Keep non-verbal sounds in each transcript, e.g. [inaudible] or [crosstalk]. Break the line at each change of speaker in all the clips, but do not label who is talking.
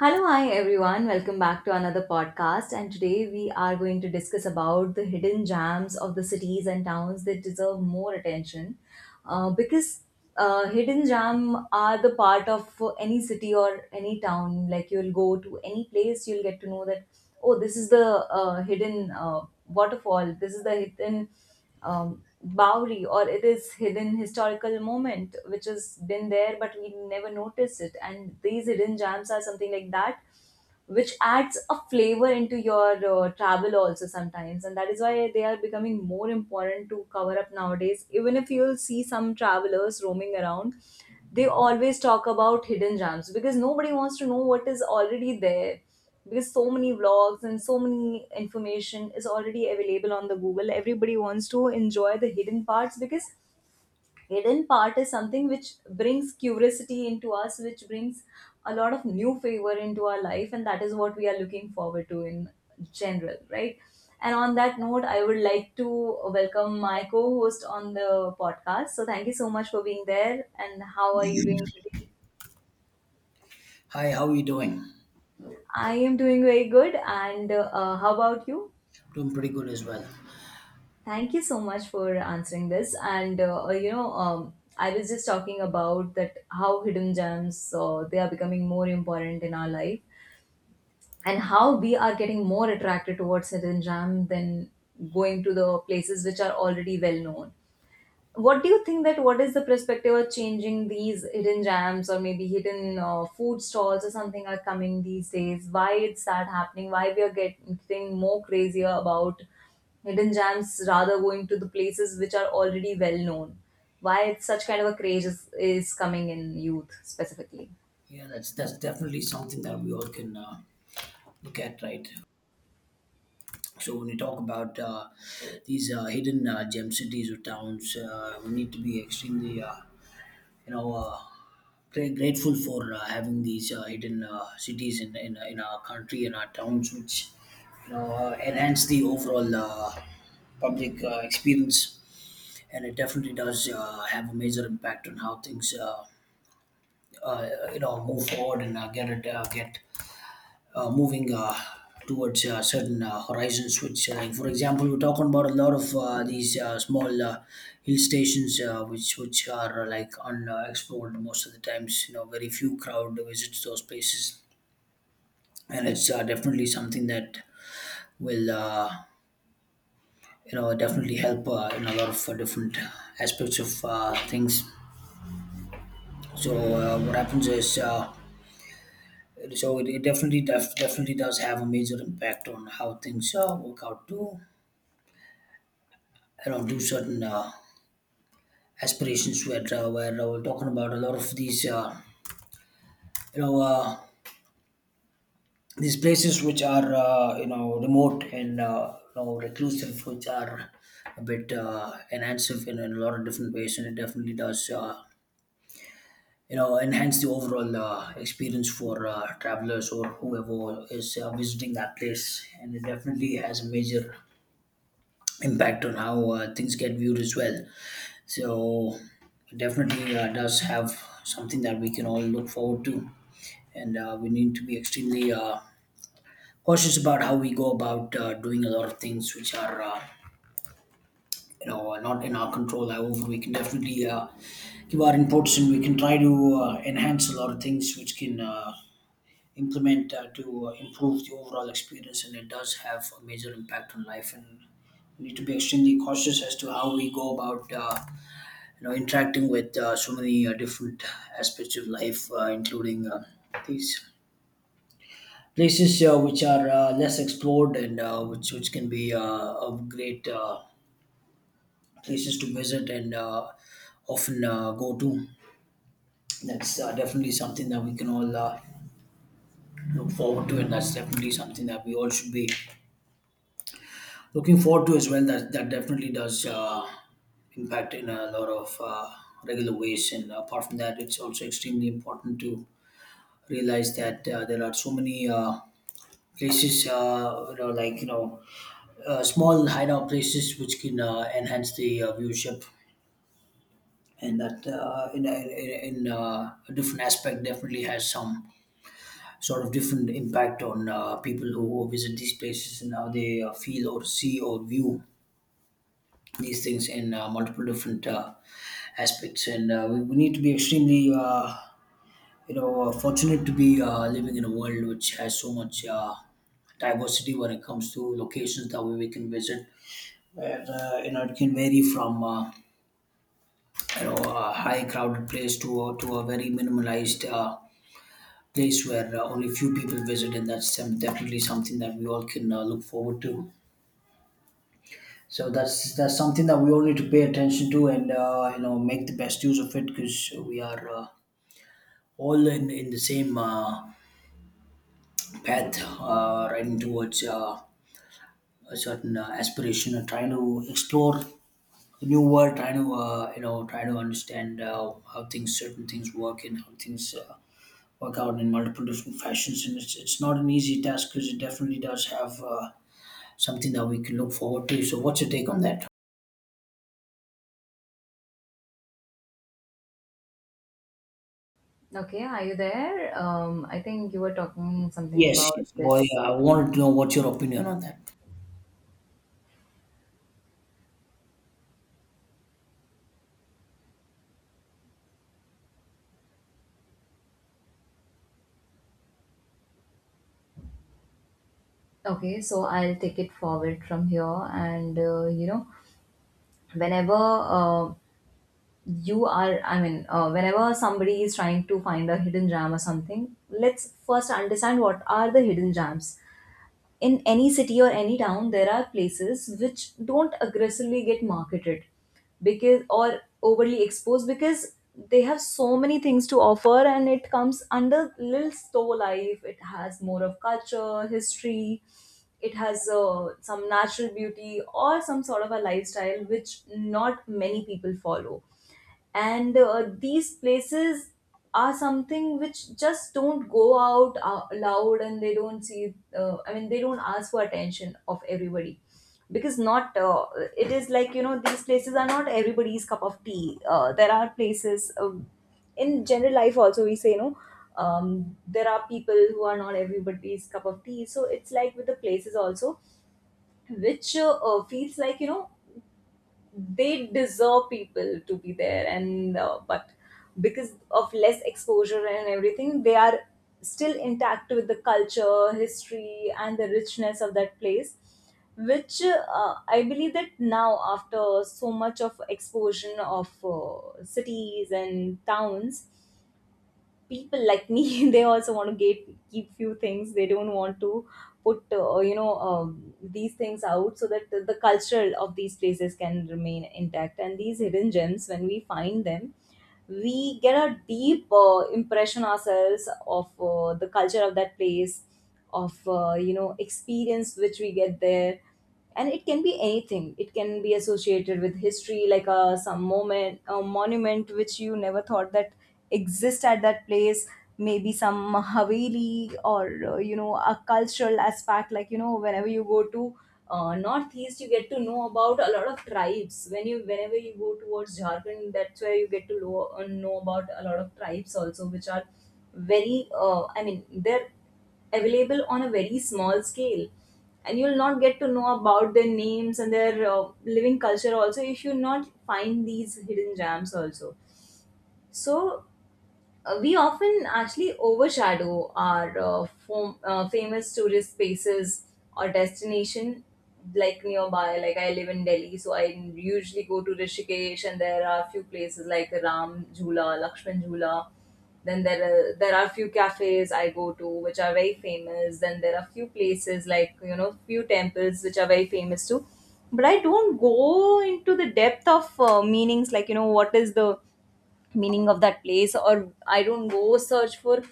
Hello, hi everyone. Welcome back to another podcast. And today we are going to discuss about the hidden gems of the cities and towns that deserve more attention, because hidden gem are the part of any city or any town. Like you'll go to any place, you'll get to know that oh, this is the hidden waterfall. This is the hidden Bowery, or it is hidden historical moment which has been there but we never notice it. And these hidden gems are something like that which adds a flavor into your travel also sometimes, and that is why they are becoming more important to cover up nowadays. Even if you'll see some travelers roaming around, they always talk about hidden gems because nobody wants to know what is already there, because so many vlogs and so many information is already available on the google. Everybody wants to enjoy the hidden parts, because hidden part is something which brings curiosity into us, which brings a lot of new favor into our life, and that is what we are looking forward to in general, right? And on that note, I would like to welcome my co-host on the podcast. So thank you so much for being there, and how are you doing today?
Hi, how are you doing?
I am doing very good, and how about you?
Doing pretty good as well.
Thank you so much for answering this. And I was just talking about that how hidden gems they are becoming more important in our life, and how we are getting more attracted towards hidden gem than going to the places which are already well known. What do you think that what is the perspective of changing these hidden jams, or maybe hidden food stalls or something are coming these days? Why it's that happening? Why we are getting more crazier about hidden jams rather going to the places which are already well known? Why it's such kind of a craze is coming in youth specifically?
Yeah, that's definitely something that we all can look at, right? So when you talk about these hidden gem cities or towns, we need to be extremely, you know, uh, grateful for having these hidden cities in our country and our towns, which you know enhance the overall public experience, and it definitely does have a major impact on how things you know move forward and get it get moving towards certain horizons which like, for example, we're talking about a lot of these small hill stations which are like unexplored most of the times. You know, very few crowd visits those places, and it's definitely something that will you know definitely help in a lot of different aspects of things. So what happens is, so it definitely definitely does have a major impact on how things work out too. You know, do certain aspirations where we're talking about a lot of these you know uh, these places which are you know remote and you know reclusive, which are a bit enhancing in a lot of different ways, and it definitely does. You know, enhance the overall experience for travelers or whoever is visiting that place, and it definitely has a major impact on how things get viewed as well. So it definitely does have something that we can all look forward to, and we need to be extremely cautious about how we go about doing a lot of things which are. You know, not in our control. However, we can definitely give our inputs, and we can try to enhance a lot of things which can implement to improve the overall experience. And it does have a major impact on life. And we need to be extremely cautious as to how we go about you know interacting with so many different aspects of life including these places which are less explored and which can be of great places to visit and often go to. That's definitely something that we can all look forward to, and that's definitely something that we all should be looking forward to as well. That definitely does impact in a lot of regular ways. And apart from that, it's also extremely important to realize that there are so many places, small hideout places which can enhance the viewership, and that in a different aspect definitely has some sort of different impact on people who visit these places and how they feel or see or view these things in multiple different aspects, and we need to be extremely, you know fortunate to be living in a world which has so much diversity when it comes to locations that we can visit, where you know it can vary from you know a high crowded place to to a very minimalized place where only few people visit. And that's definitely something that we all can look forward to. So that's something that we all need to pay attention to, and you know make the best use of it, because we are all in the same path riding towards a certain aspiration or trying to explore a new world, trying to you know try to understand how things certain things work and how things work out in multiple different fashions. And it's not an easy task, because it definitely does have something that we can look forward to. So what's your take on that?
Okay, are you there? I think you were talking something
yes
about
yes boy,
this.
I wanted to know what's your opinion on that.
Okay, so I'll take it forward from here. And you know, whenever you are, I mean, whenever somebody is trying to find a hidden gem or something, let's first understand what are the hidden gems in any city or any town. There are places which don't aggressively get marketed, because, or overly exposed, because they have so many things to offer, and it comes under little store life. It has more of culture history. It has some natural beauty or some sort of a lifestyle which not many people follow. And these places are something which just don't go out loud, and they don't see, I mean, they don't ask for attention of everybody. Because not it is like, you know, these places are not everybody's cup of tea. There are places, in general life also we say, there are people who are not everybody's cup of tea. So it's like with the places also, which feels like, you know, they deserve people to be there. And but because of less exposure and everything, they are still intact with the culture history and the richness of that place, which I believe that now after so much of exposure of cities and towns, people like me [laughs] they also want to gate keep few things. They don't want to put these things out, so that the culture of these places can remain intact. And these hidden gems when we find them, we get a deep impression ourselves of the culture of that place, of experience which we get there. And it can be anything. It can be associated with history, like some moment, a monument which you never thought that exist at that place. Maybe some haveli, or a cultural aspect like, you know, whenever you go to northeast, you get to know about a lot of tribes. When you whenever you go towards jharkhand, that's where you get to know, know about a lot of tribes also, which are very I mean, they're available on a very small scale, and you'll not get to know about their names and their living culture also if you not find these hidden gems also. So we often actually overshadow our famous tourist spaces or destination. Like nearby, like I live in delhi, so I usually go to rishikesh, and there are a few places like ram jhula, lakshman jhula. Then there are few cafes I go to which are very famous. Then there are few places like, you know, few temples which are very famous too, but I don't go into the depth of meanings like, you know, what is the meaning of that place, or I don't go search for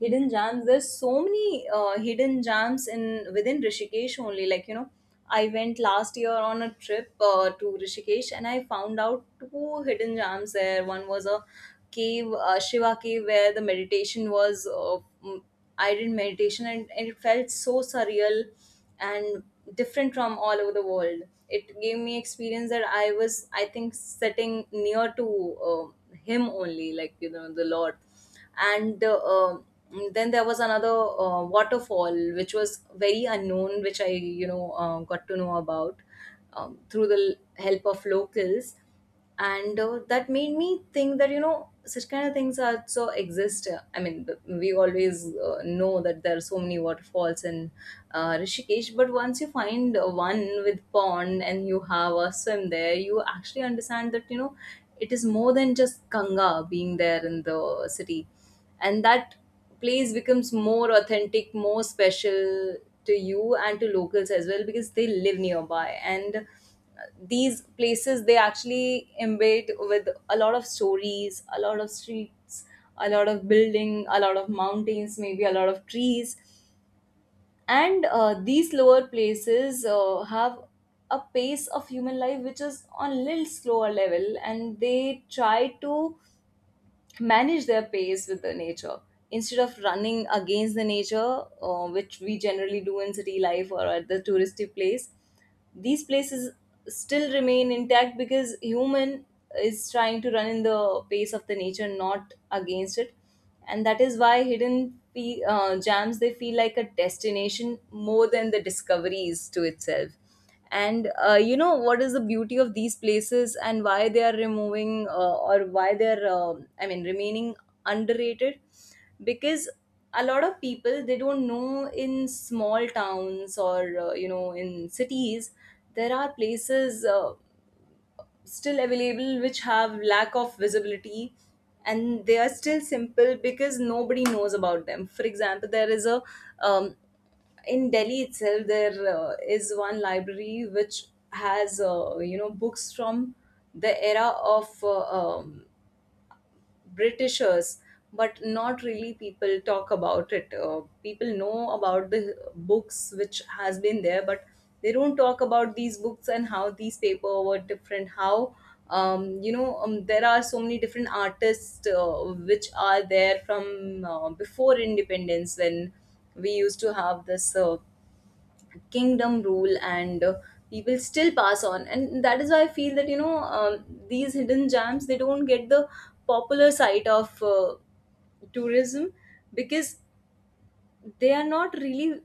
hidden gems. There's so many hidden gems in within rishikesh only. Like, you know, I went last year on a trip to rishikesh, and I found out two hidden gems there. One was a cave, shiva cave, where the meditation was mm, I did meditation, and it felt so surreal and different from all over the world. It gave me experience that I was, I think, sitting near to um him only, like, you know, the lord. And then there was another waterfall which was very unknown, which I, got to know about through the help of locals. And that made me think that, you know, such kind of things also exist. I mean, we always know that there are so many waterfalls in rishikesh, but once you find one with pond and you have a swim there, you actually understand that, you know, it is more than just ganga being there in the city. And that place becomes more authentic, more special to you and to locals as well, because they live nearby. And these places, they actually embed with a lot of stories, a lot of streets, a lot of building, a lot of mountains, maybe a lot of trees. And these lower places have a pace of human life which is on a little slower level, and they try to manage their pace with the nature instead of running against the nature, which we generally do in city life or at the touristy place. These places still remain intact because human is trying to run in the pace of the nature, not against it. And that is why hidden jams, they feel like a destination more than the discoveries to itself. And what is the beauty of these places, and why they are removing or why they are I mean, remaining underrated? Because a lot of people, they don't know in small towns or in cities, there are places still available which have lack of visibility, and they are still simple because nobody knows about them. For example, there is a um, in Delhi itself, there is one library which has books from the era of Britishers, but not really people talk about it. People know about the books which has been there, but they don't talk about these books and how these paper were different. How there are so many different artists which are there from before independence, when we used to have this. Kingdom rule, and people still pass on. And that is why I feel that these hidden gems, they don't get the popular side of tourism, because they are not really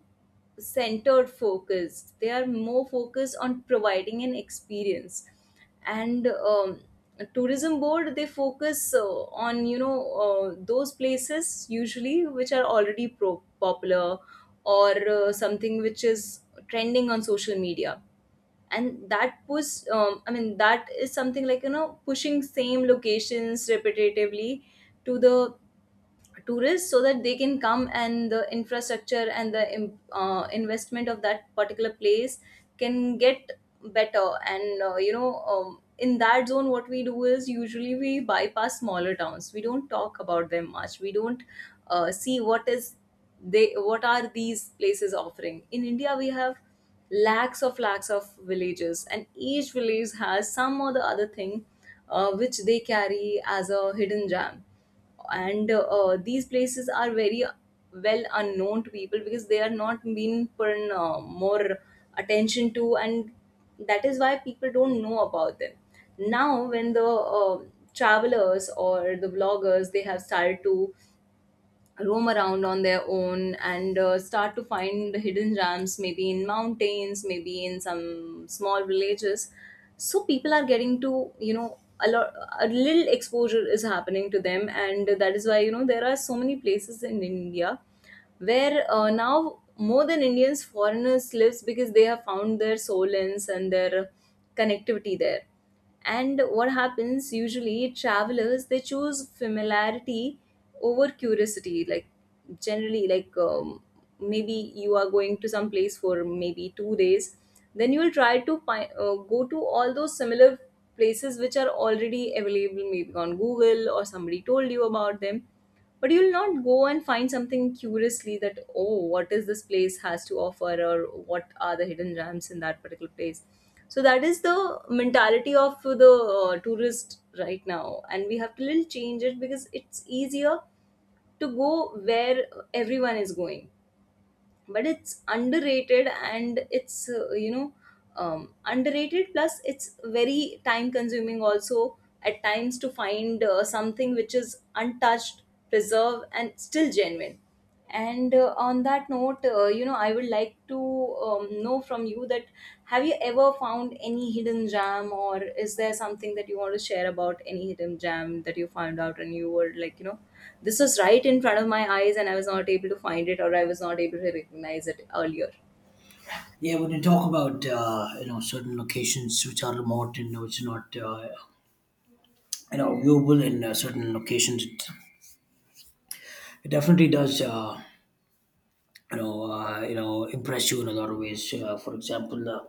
centered focused. They are more focused on providing an experience. And tourism board, they focus on those places usually which are already popular, or something which is trending on social media. And that push, I mean that is something like you know, pushing same locations repetitively to the tourists so that they can come, and the infrastructure and the investment of that particular place can get better. And in that zone, what we do is usually we bypass smaller towns. We don't talk about them much. We don't see what is they what are these places offering. In india we have lakhs of villages, and each village has some or the other thing which they carry as a hidden gem. And these places are very well unknown to people because they are not being put in, more attention to, and that is why people don't know about them. Now, when the travelers or the vloggers, they have started to roam around on their own and start to find hidden gems, maybe in mountains, maybe in some small villages. So people are getting to you know, a lot a little exposure is happening to them. And that is why you know, there are so many places in india where now more than indians, foreigners lives, because they have found their soul ins and their connectivity there. And what happens usually, travelers they choose familiarity over curiosity. Like generally, maybe you are going to some place for maybe 2 days. Then you will try to find, go to all those similar places which are already available, maybe on google, or somebody told you about them. But you'll not go and find something curiously that, oh, what is this place has to offer, or what are the hidden gems in that particular place. So that is the mentality of the tourist right now, and we have to little change it, because it's easier to go where everyone is going. But it's underrated, and it's underrated, plus it's very time consuming also at times, to find something which is untouched, preserved, and still genuine. And on that note, I would like to know from you that, have you ever found any hidden gem, or is there something that you want to share about any hidden gem that you found out, and you were like, you know, this was right in front of my eyes and I was not able to find it, or I was not able to recognize it earlier.
Yeah, when you talk about you know certain locations which are remote and which are not you know viewable in certain locations, it definitely does you know, impress you in a lot of ways. For example,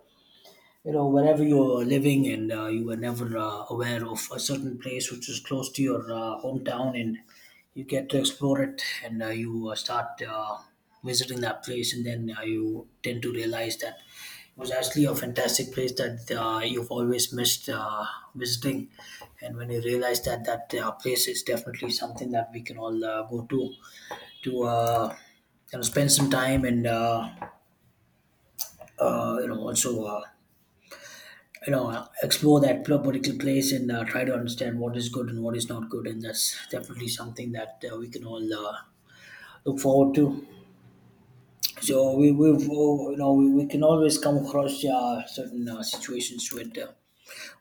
you know, wherever you're living, and you were never aware of a certain place which is close to your hometown, and you get to explore it, and you start visiting that place, and then you tend to realize that it was actually a fantastic place that you've always missed visiting, and when you realize that place is definitely something that we can all go to you know spend some time and you know also you know explore that particular place, and try to understand what is good and what is not good. And that's definitely something that we can all look forward to. So we you know we can always come across certain situations with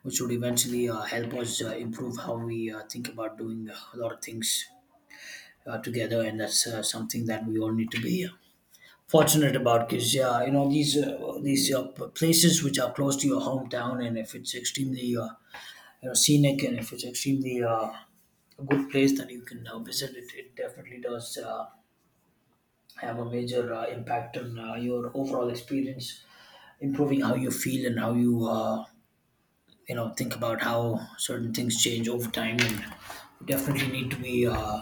which would eventually help us improve how we think about doing a lot of things together. And that's something that we all need to be fortunate about, because yeah, you know these places which are close to your hometown, and if it's extremely you know scenic, and if it's extremely a good place that you can visit, it definitely does have a major impact on your overall experience, improving how you feel and how you you know think about how certain things change over time, and definitely need to be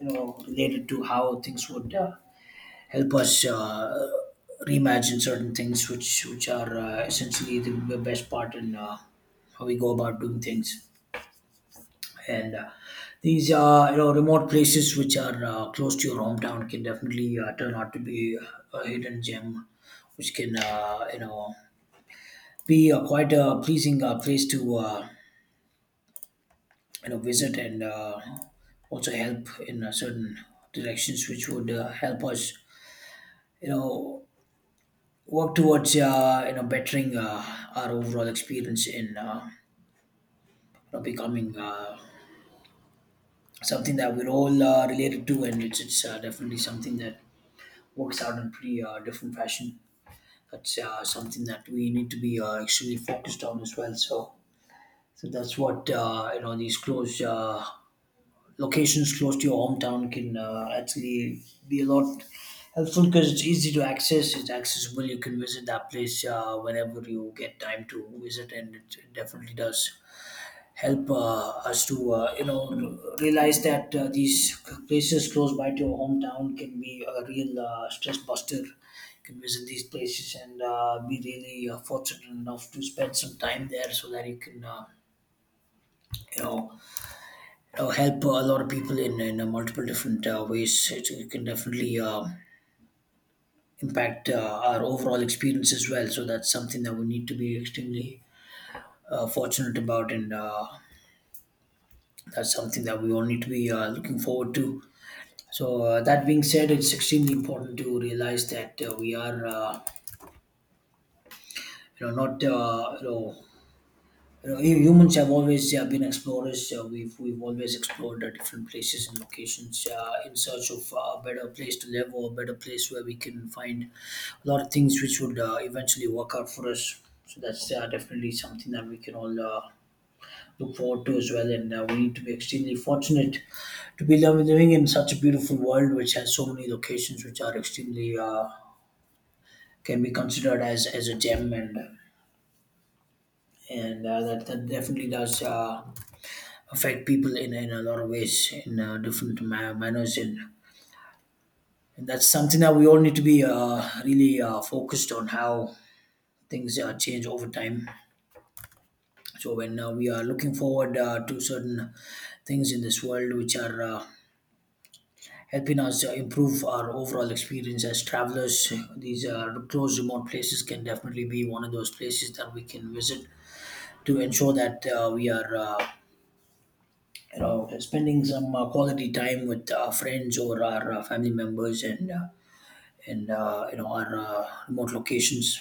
you know related to how things would help us reimagine certain things which are essentially the best part in how we go about doing things. And these you know remote places which are close to your hometown can definitely turn out to be a hidden gem which can you know be quite a pleasing place to you know visit, and also help in certain directions which would help us you know work towards you know bettering our overall experience in you know becoming something that we're all related to. And it's definitely something that works out in pretty different fashion. That's something that we need to be extremely focused on as well. So, that's what you know these close locations close to your hometown can actually be a lot helpful, because it's easy to access, it's accessible, you can visit that place whenever you get time to visit. And it definitely does help us to you know realize that these places close by to your hometown can be a real stress buster. You can visit these places and be really fortunate enough to spend some time there, so that you can you know help a lot of people in multiple different ways. It can definitely impact our overall experience as well. So that's something that we need to be extremely fortunate about, and that's something that we all need to be looking forward to. So that being said, it's extremely important to realize that we are, not humans have always been explorers. We've always explored different places and locations in search of a better place to live, or a better place where we can find a lot of things which would eventually work out for us. So that's definitely something that we can all look forward to as well. And we need to be extremely fortunate to be living in such a beautiful world which has so many locations which are extremely can be considered as a gem. And that, that definitely does Affect people in a lot of ways in different manners, and that's something that we all need to be really focused on how things change over time. So when we are looking forward to certain things in this world which are helping us improve our overall experience as travelers, these close remote places can definitely be one of those places that we can visit to ensure that we are spending some quality time with friends or our family members, and our remote locations.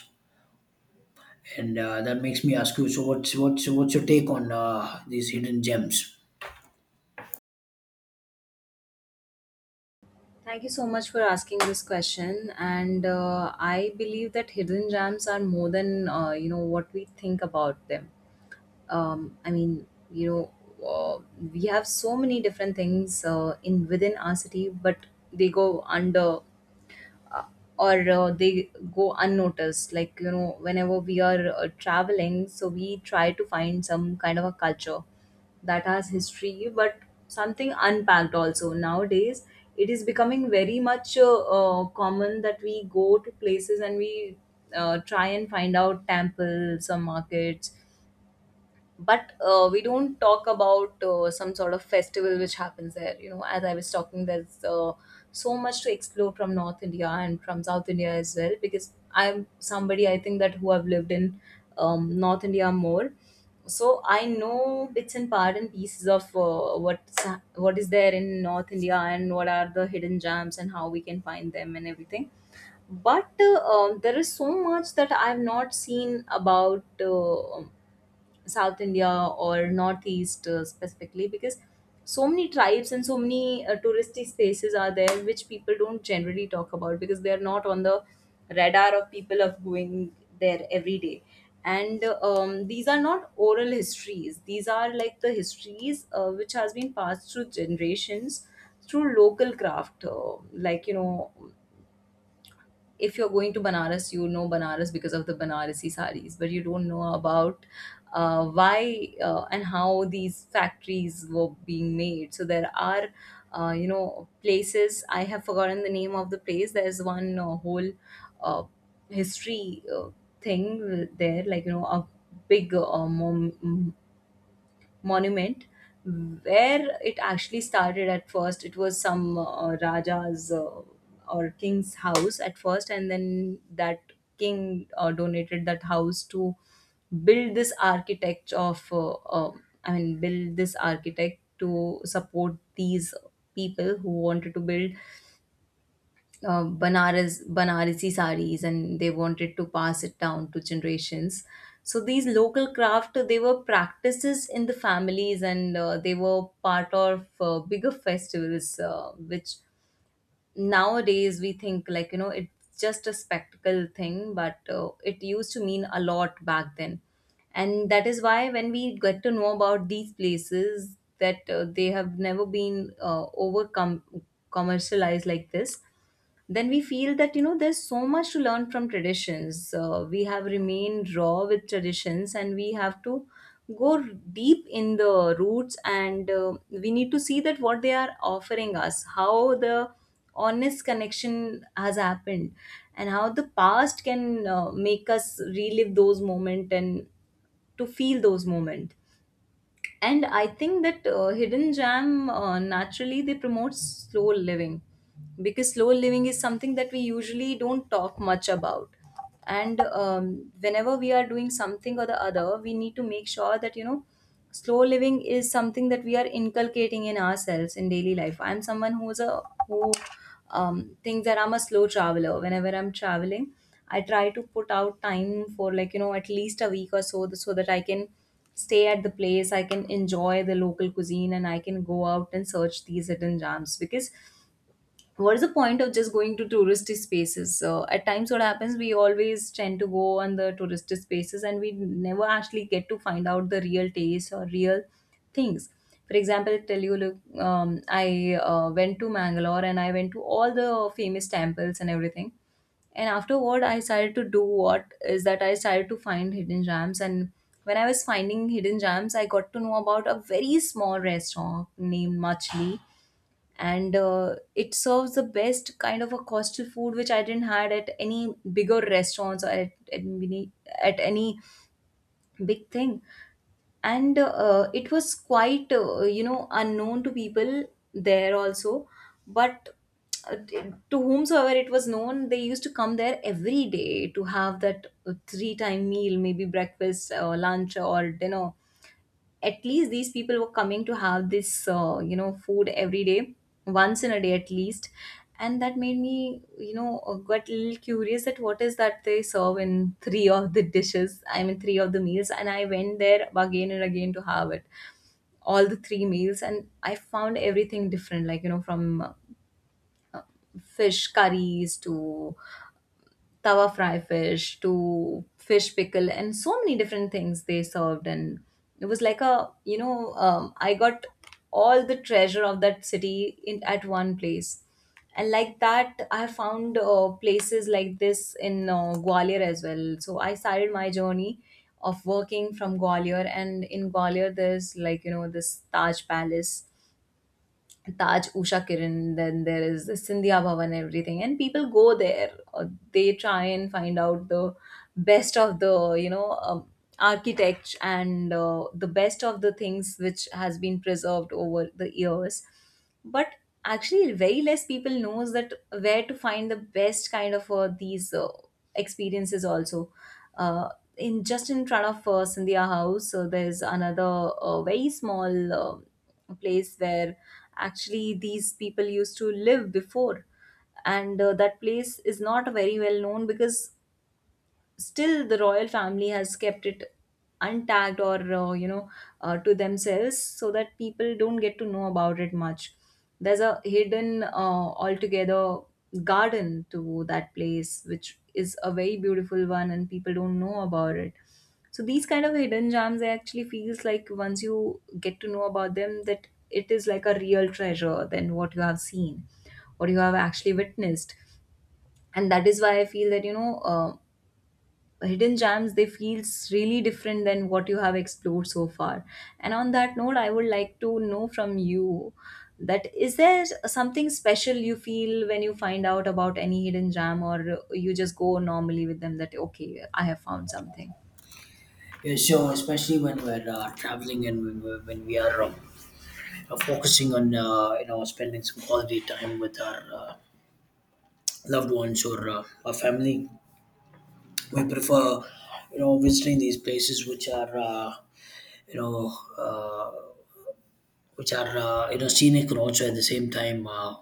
And that makes me ask you, so what's your take on these hidden gems?
Thank you so much for asking this question. And I believe that hidden gems are more than what we think about them. I mean, you know, uh, we have so many different things in within our city, but they go under uh, or they go unnoticed. Like you know, whenever we are traveling, so we try to find some kind of a culture that has history, but something unpacked also. Nowadays, it is becoming very much common that we go to places, and we try and find out temples or markets, but we don't talk about some sort of festival which happens there. You know, as I was talking, there's so much to explore from north india and from south india as well, because I'm somebody, I think, that who have lived in north india more. So I know bits and part and pieces of what is there in north india, and what are the hidden gems and how we can find them and everything. But there is so much that I've not seen about South India or Northeast, specifically, because so many tribes and so many touristy spaces are there which people don't generally talk about, because they are not on the radar of people of going there every day. And these are not oral histories. These are like the histories which has been passed through generations through local craft. Like you know, if you're going to Banaras, you know Banaras because of the Banarasi saris, but you don't know about why and how these factories were being made. So there are, places. I have forgotten the name of the place. There's one whole uh, history thing there, like you know, a big monument where it actually started. At first it was some raja's or king's house at first, and then that king donated that house to build this architect of build this architect, to support these people who wanted to build Banaras, Banarasi saris, and they wanted to pass it down to generations. So these local craft, they were practices in the families, and they were part of bigger festivals, which nowadays we think like, you know, it's just a spectacle thing, but it used to mean a lot back then. And that is why when we get to know about these places that they have never been overcome commercialized like this, then we feel that, you know, there's so much to learn from traditions. We have remained raw with traditions, and we have to go deep in the roots, and we need to see that what they are offering us, how the honest connection has happened, and how the past can make us relive those moments and to feel those moments. And I think that hidden jam, naturally they promote slow living, because slow living is something that we usually don't talk much about. And whenever we are doing something or the other, we need to make sure that you know, slow living is something that we are inculcating in ourselves in daily life. I'm someone who's a who thinks that I'm a slow traveler. Whenever I'm traveling, I try to put out time for, like you know, at least a week or so, so that I can stay at the place, I can enjoy the local cuisine, and I can go out and search these hidden gems. Because what is the point of just going to touristy spaces? At times what happens, we always tend to go on the touristy spaces, and we never actually get to find out the real taste or real things. For example, I tell you look, I went to mangalore, and I went to all the famous temples and everything. And afterward, I started to do what is that, I started to find hidden gems. And when I was finding hidden gems, I got to know about a very small restaurant named machli. And it serves the best kind of a coastal food which I didn't had at any bigger restaurants, or at any big thing. And it was quite unknown to people there also. But uh, to whomsoever it was known, they used to come there every day to have that three time meal, maybe breakfast or lunch or dinner. At least these people were coming to have this food every day, once in a day at least. And that made me, you know, got a little curious that what is that they serve in three of the dishes, I mean three of the meals. And I went there again and again to have it all the three meals, and I found everything different. Like you know, from fish curries to tawa fry fish to fish pickle and so many different things they served. And it was like a, I got all the treasure of that city in at one place. And like that, I have found places like this in gwalior as well. So I started my journey of working from gwalior, and in gwalior there's like, you know, this taj palace, Taj Usha Kiran, then there is the Sindhya Bhavan, everything, and people go there. They try and find out the best of the architect, and the best of the things which has been preserved over the years. But actually very less people knows that where to find the best kind of these experiences also. uh, in just in front of Sandhya house, so there's another very small place where actually these people used to live before. And that place is not very well known because still the royal family has kept it untagged, or to themselves, so that people don't get to know about it much. There's a hidden, altogether, garden to that place, which is a very beautiful one, and people don't know about it. So these kind of hidden gems, I actually feels like, once you get to know about them, that it is like a real treasure than what you have seen, what you have actually witnessed. And that is why I feel that you know, hidden gems, they feels really different than what you have explored so far. And on that note, I would like to know from you that, is there something special you feel when you find out about any hidden gem, or you just go normally with them that, okay, I have found something.
Yeah, so especially when we're traveling and when we are focusing on spending some quality time with our loved ones or our family, we prefer, you know, visiting these places which are you know uh, which are you know, scenic, and also at the same time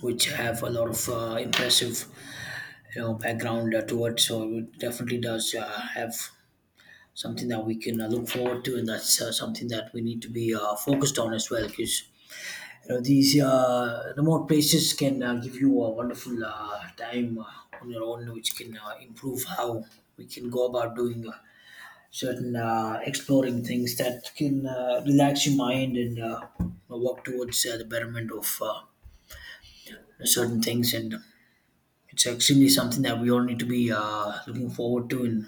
which have a lot of impressive, you know, background to it. So it definitely does have something that we can look forward to, and that's something that we need to be focused on as well, because you know, these remote places can give you a wonderful time on your own, which can improve how we can go about doing certain exploring things that can relax your mind and work towards the betterment of certain things. And it's extremely something that we all need to be looking forward to. And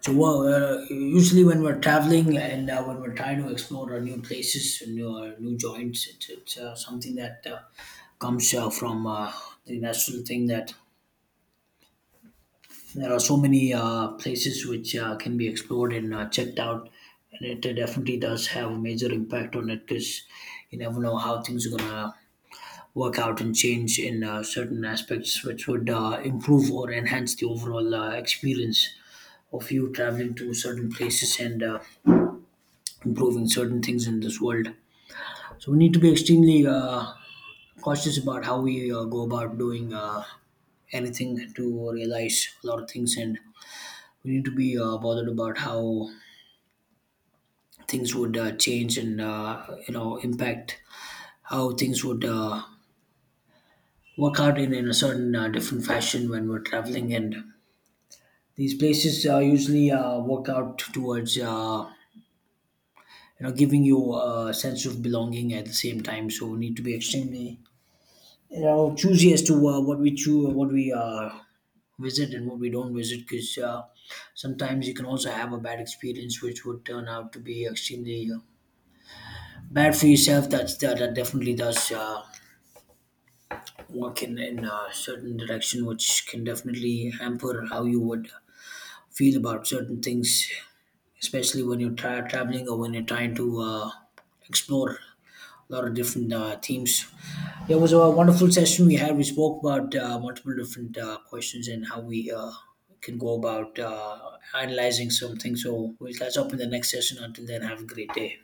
so well, usually when we're traveling and when we're trying to explore new places and new, new joints, it's something that comes from the natural thing that there are so many places which can be explored and checked out, and it definitely does have a major impact on it, because you never know how things are gonna work out and change in certain aspects, which would improve or enhance the overall experience of you traveling to certain places and improving certain things in this world. So we need to be extremely cautious about how we go about doing anything to realize a lot of things, and we need to be bothered about how things would change and you know, impact how things would work out in a certain different fashion when we're traveling. And these places usually work out towards you know, giving you a sense of belonging at the same time. So we need to be extremely, you know, choosy as to what we choose, what we visit and what we don't visit, because sometimes you can also have a bad experience which would turn out to be extremely bad for yourself. That definitely does walking in a certain direction, which can definitely hamper how you would feel about certain things, especially when you're traveling or when you're trying to explore a lot of different themes. It was a wonderful session we had. We spoke about multiple different questions and how we can go about analyzing something. So we'll catch up in the next session. Until then, have a great day.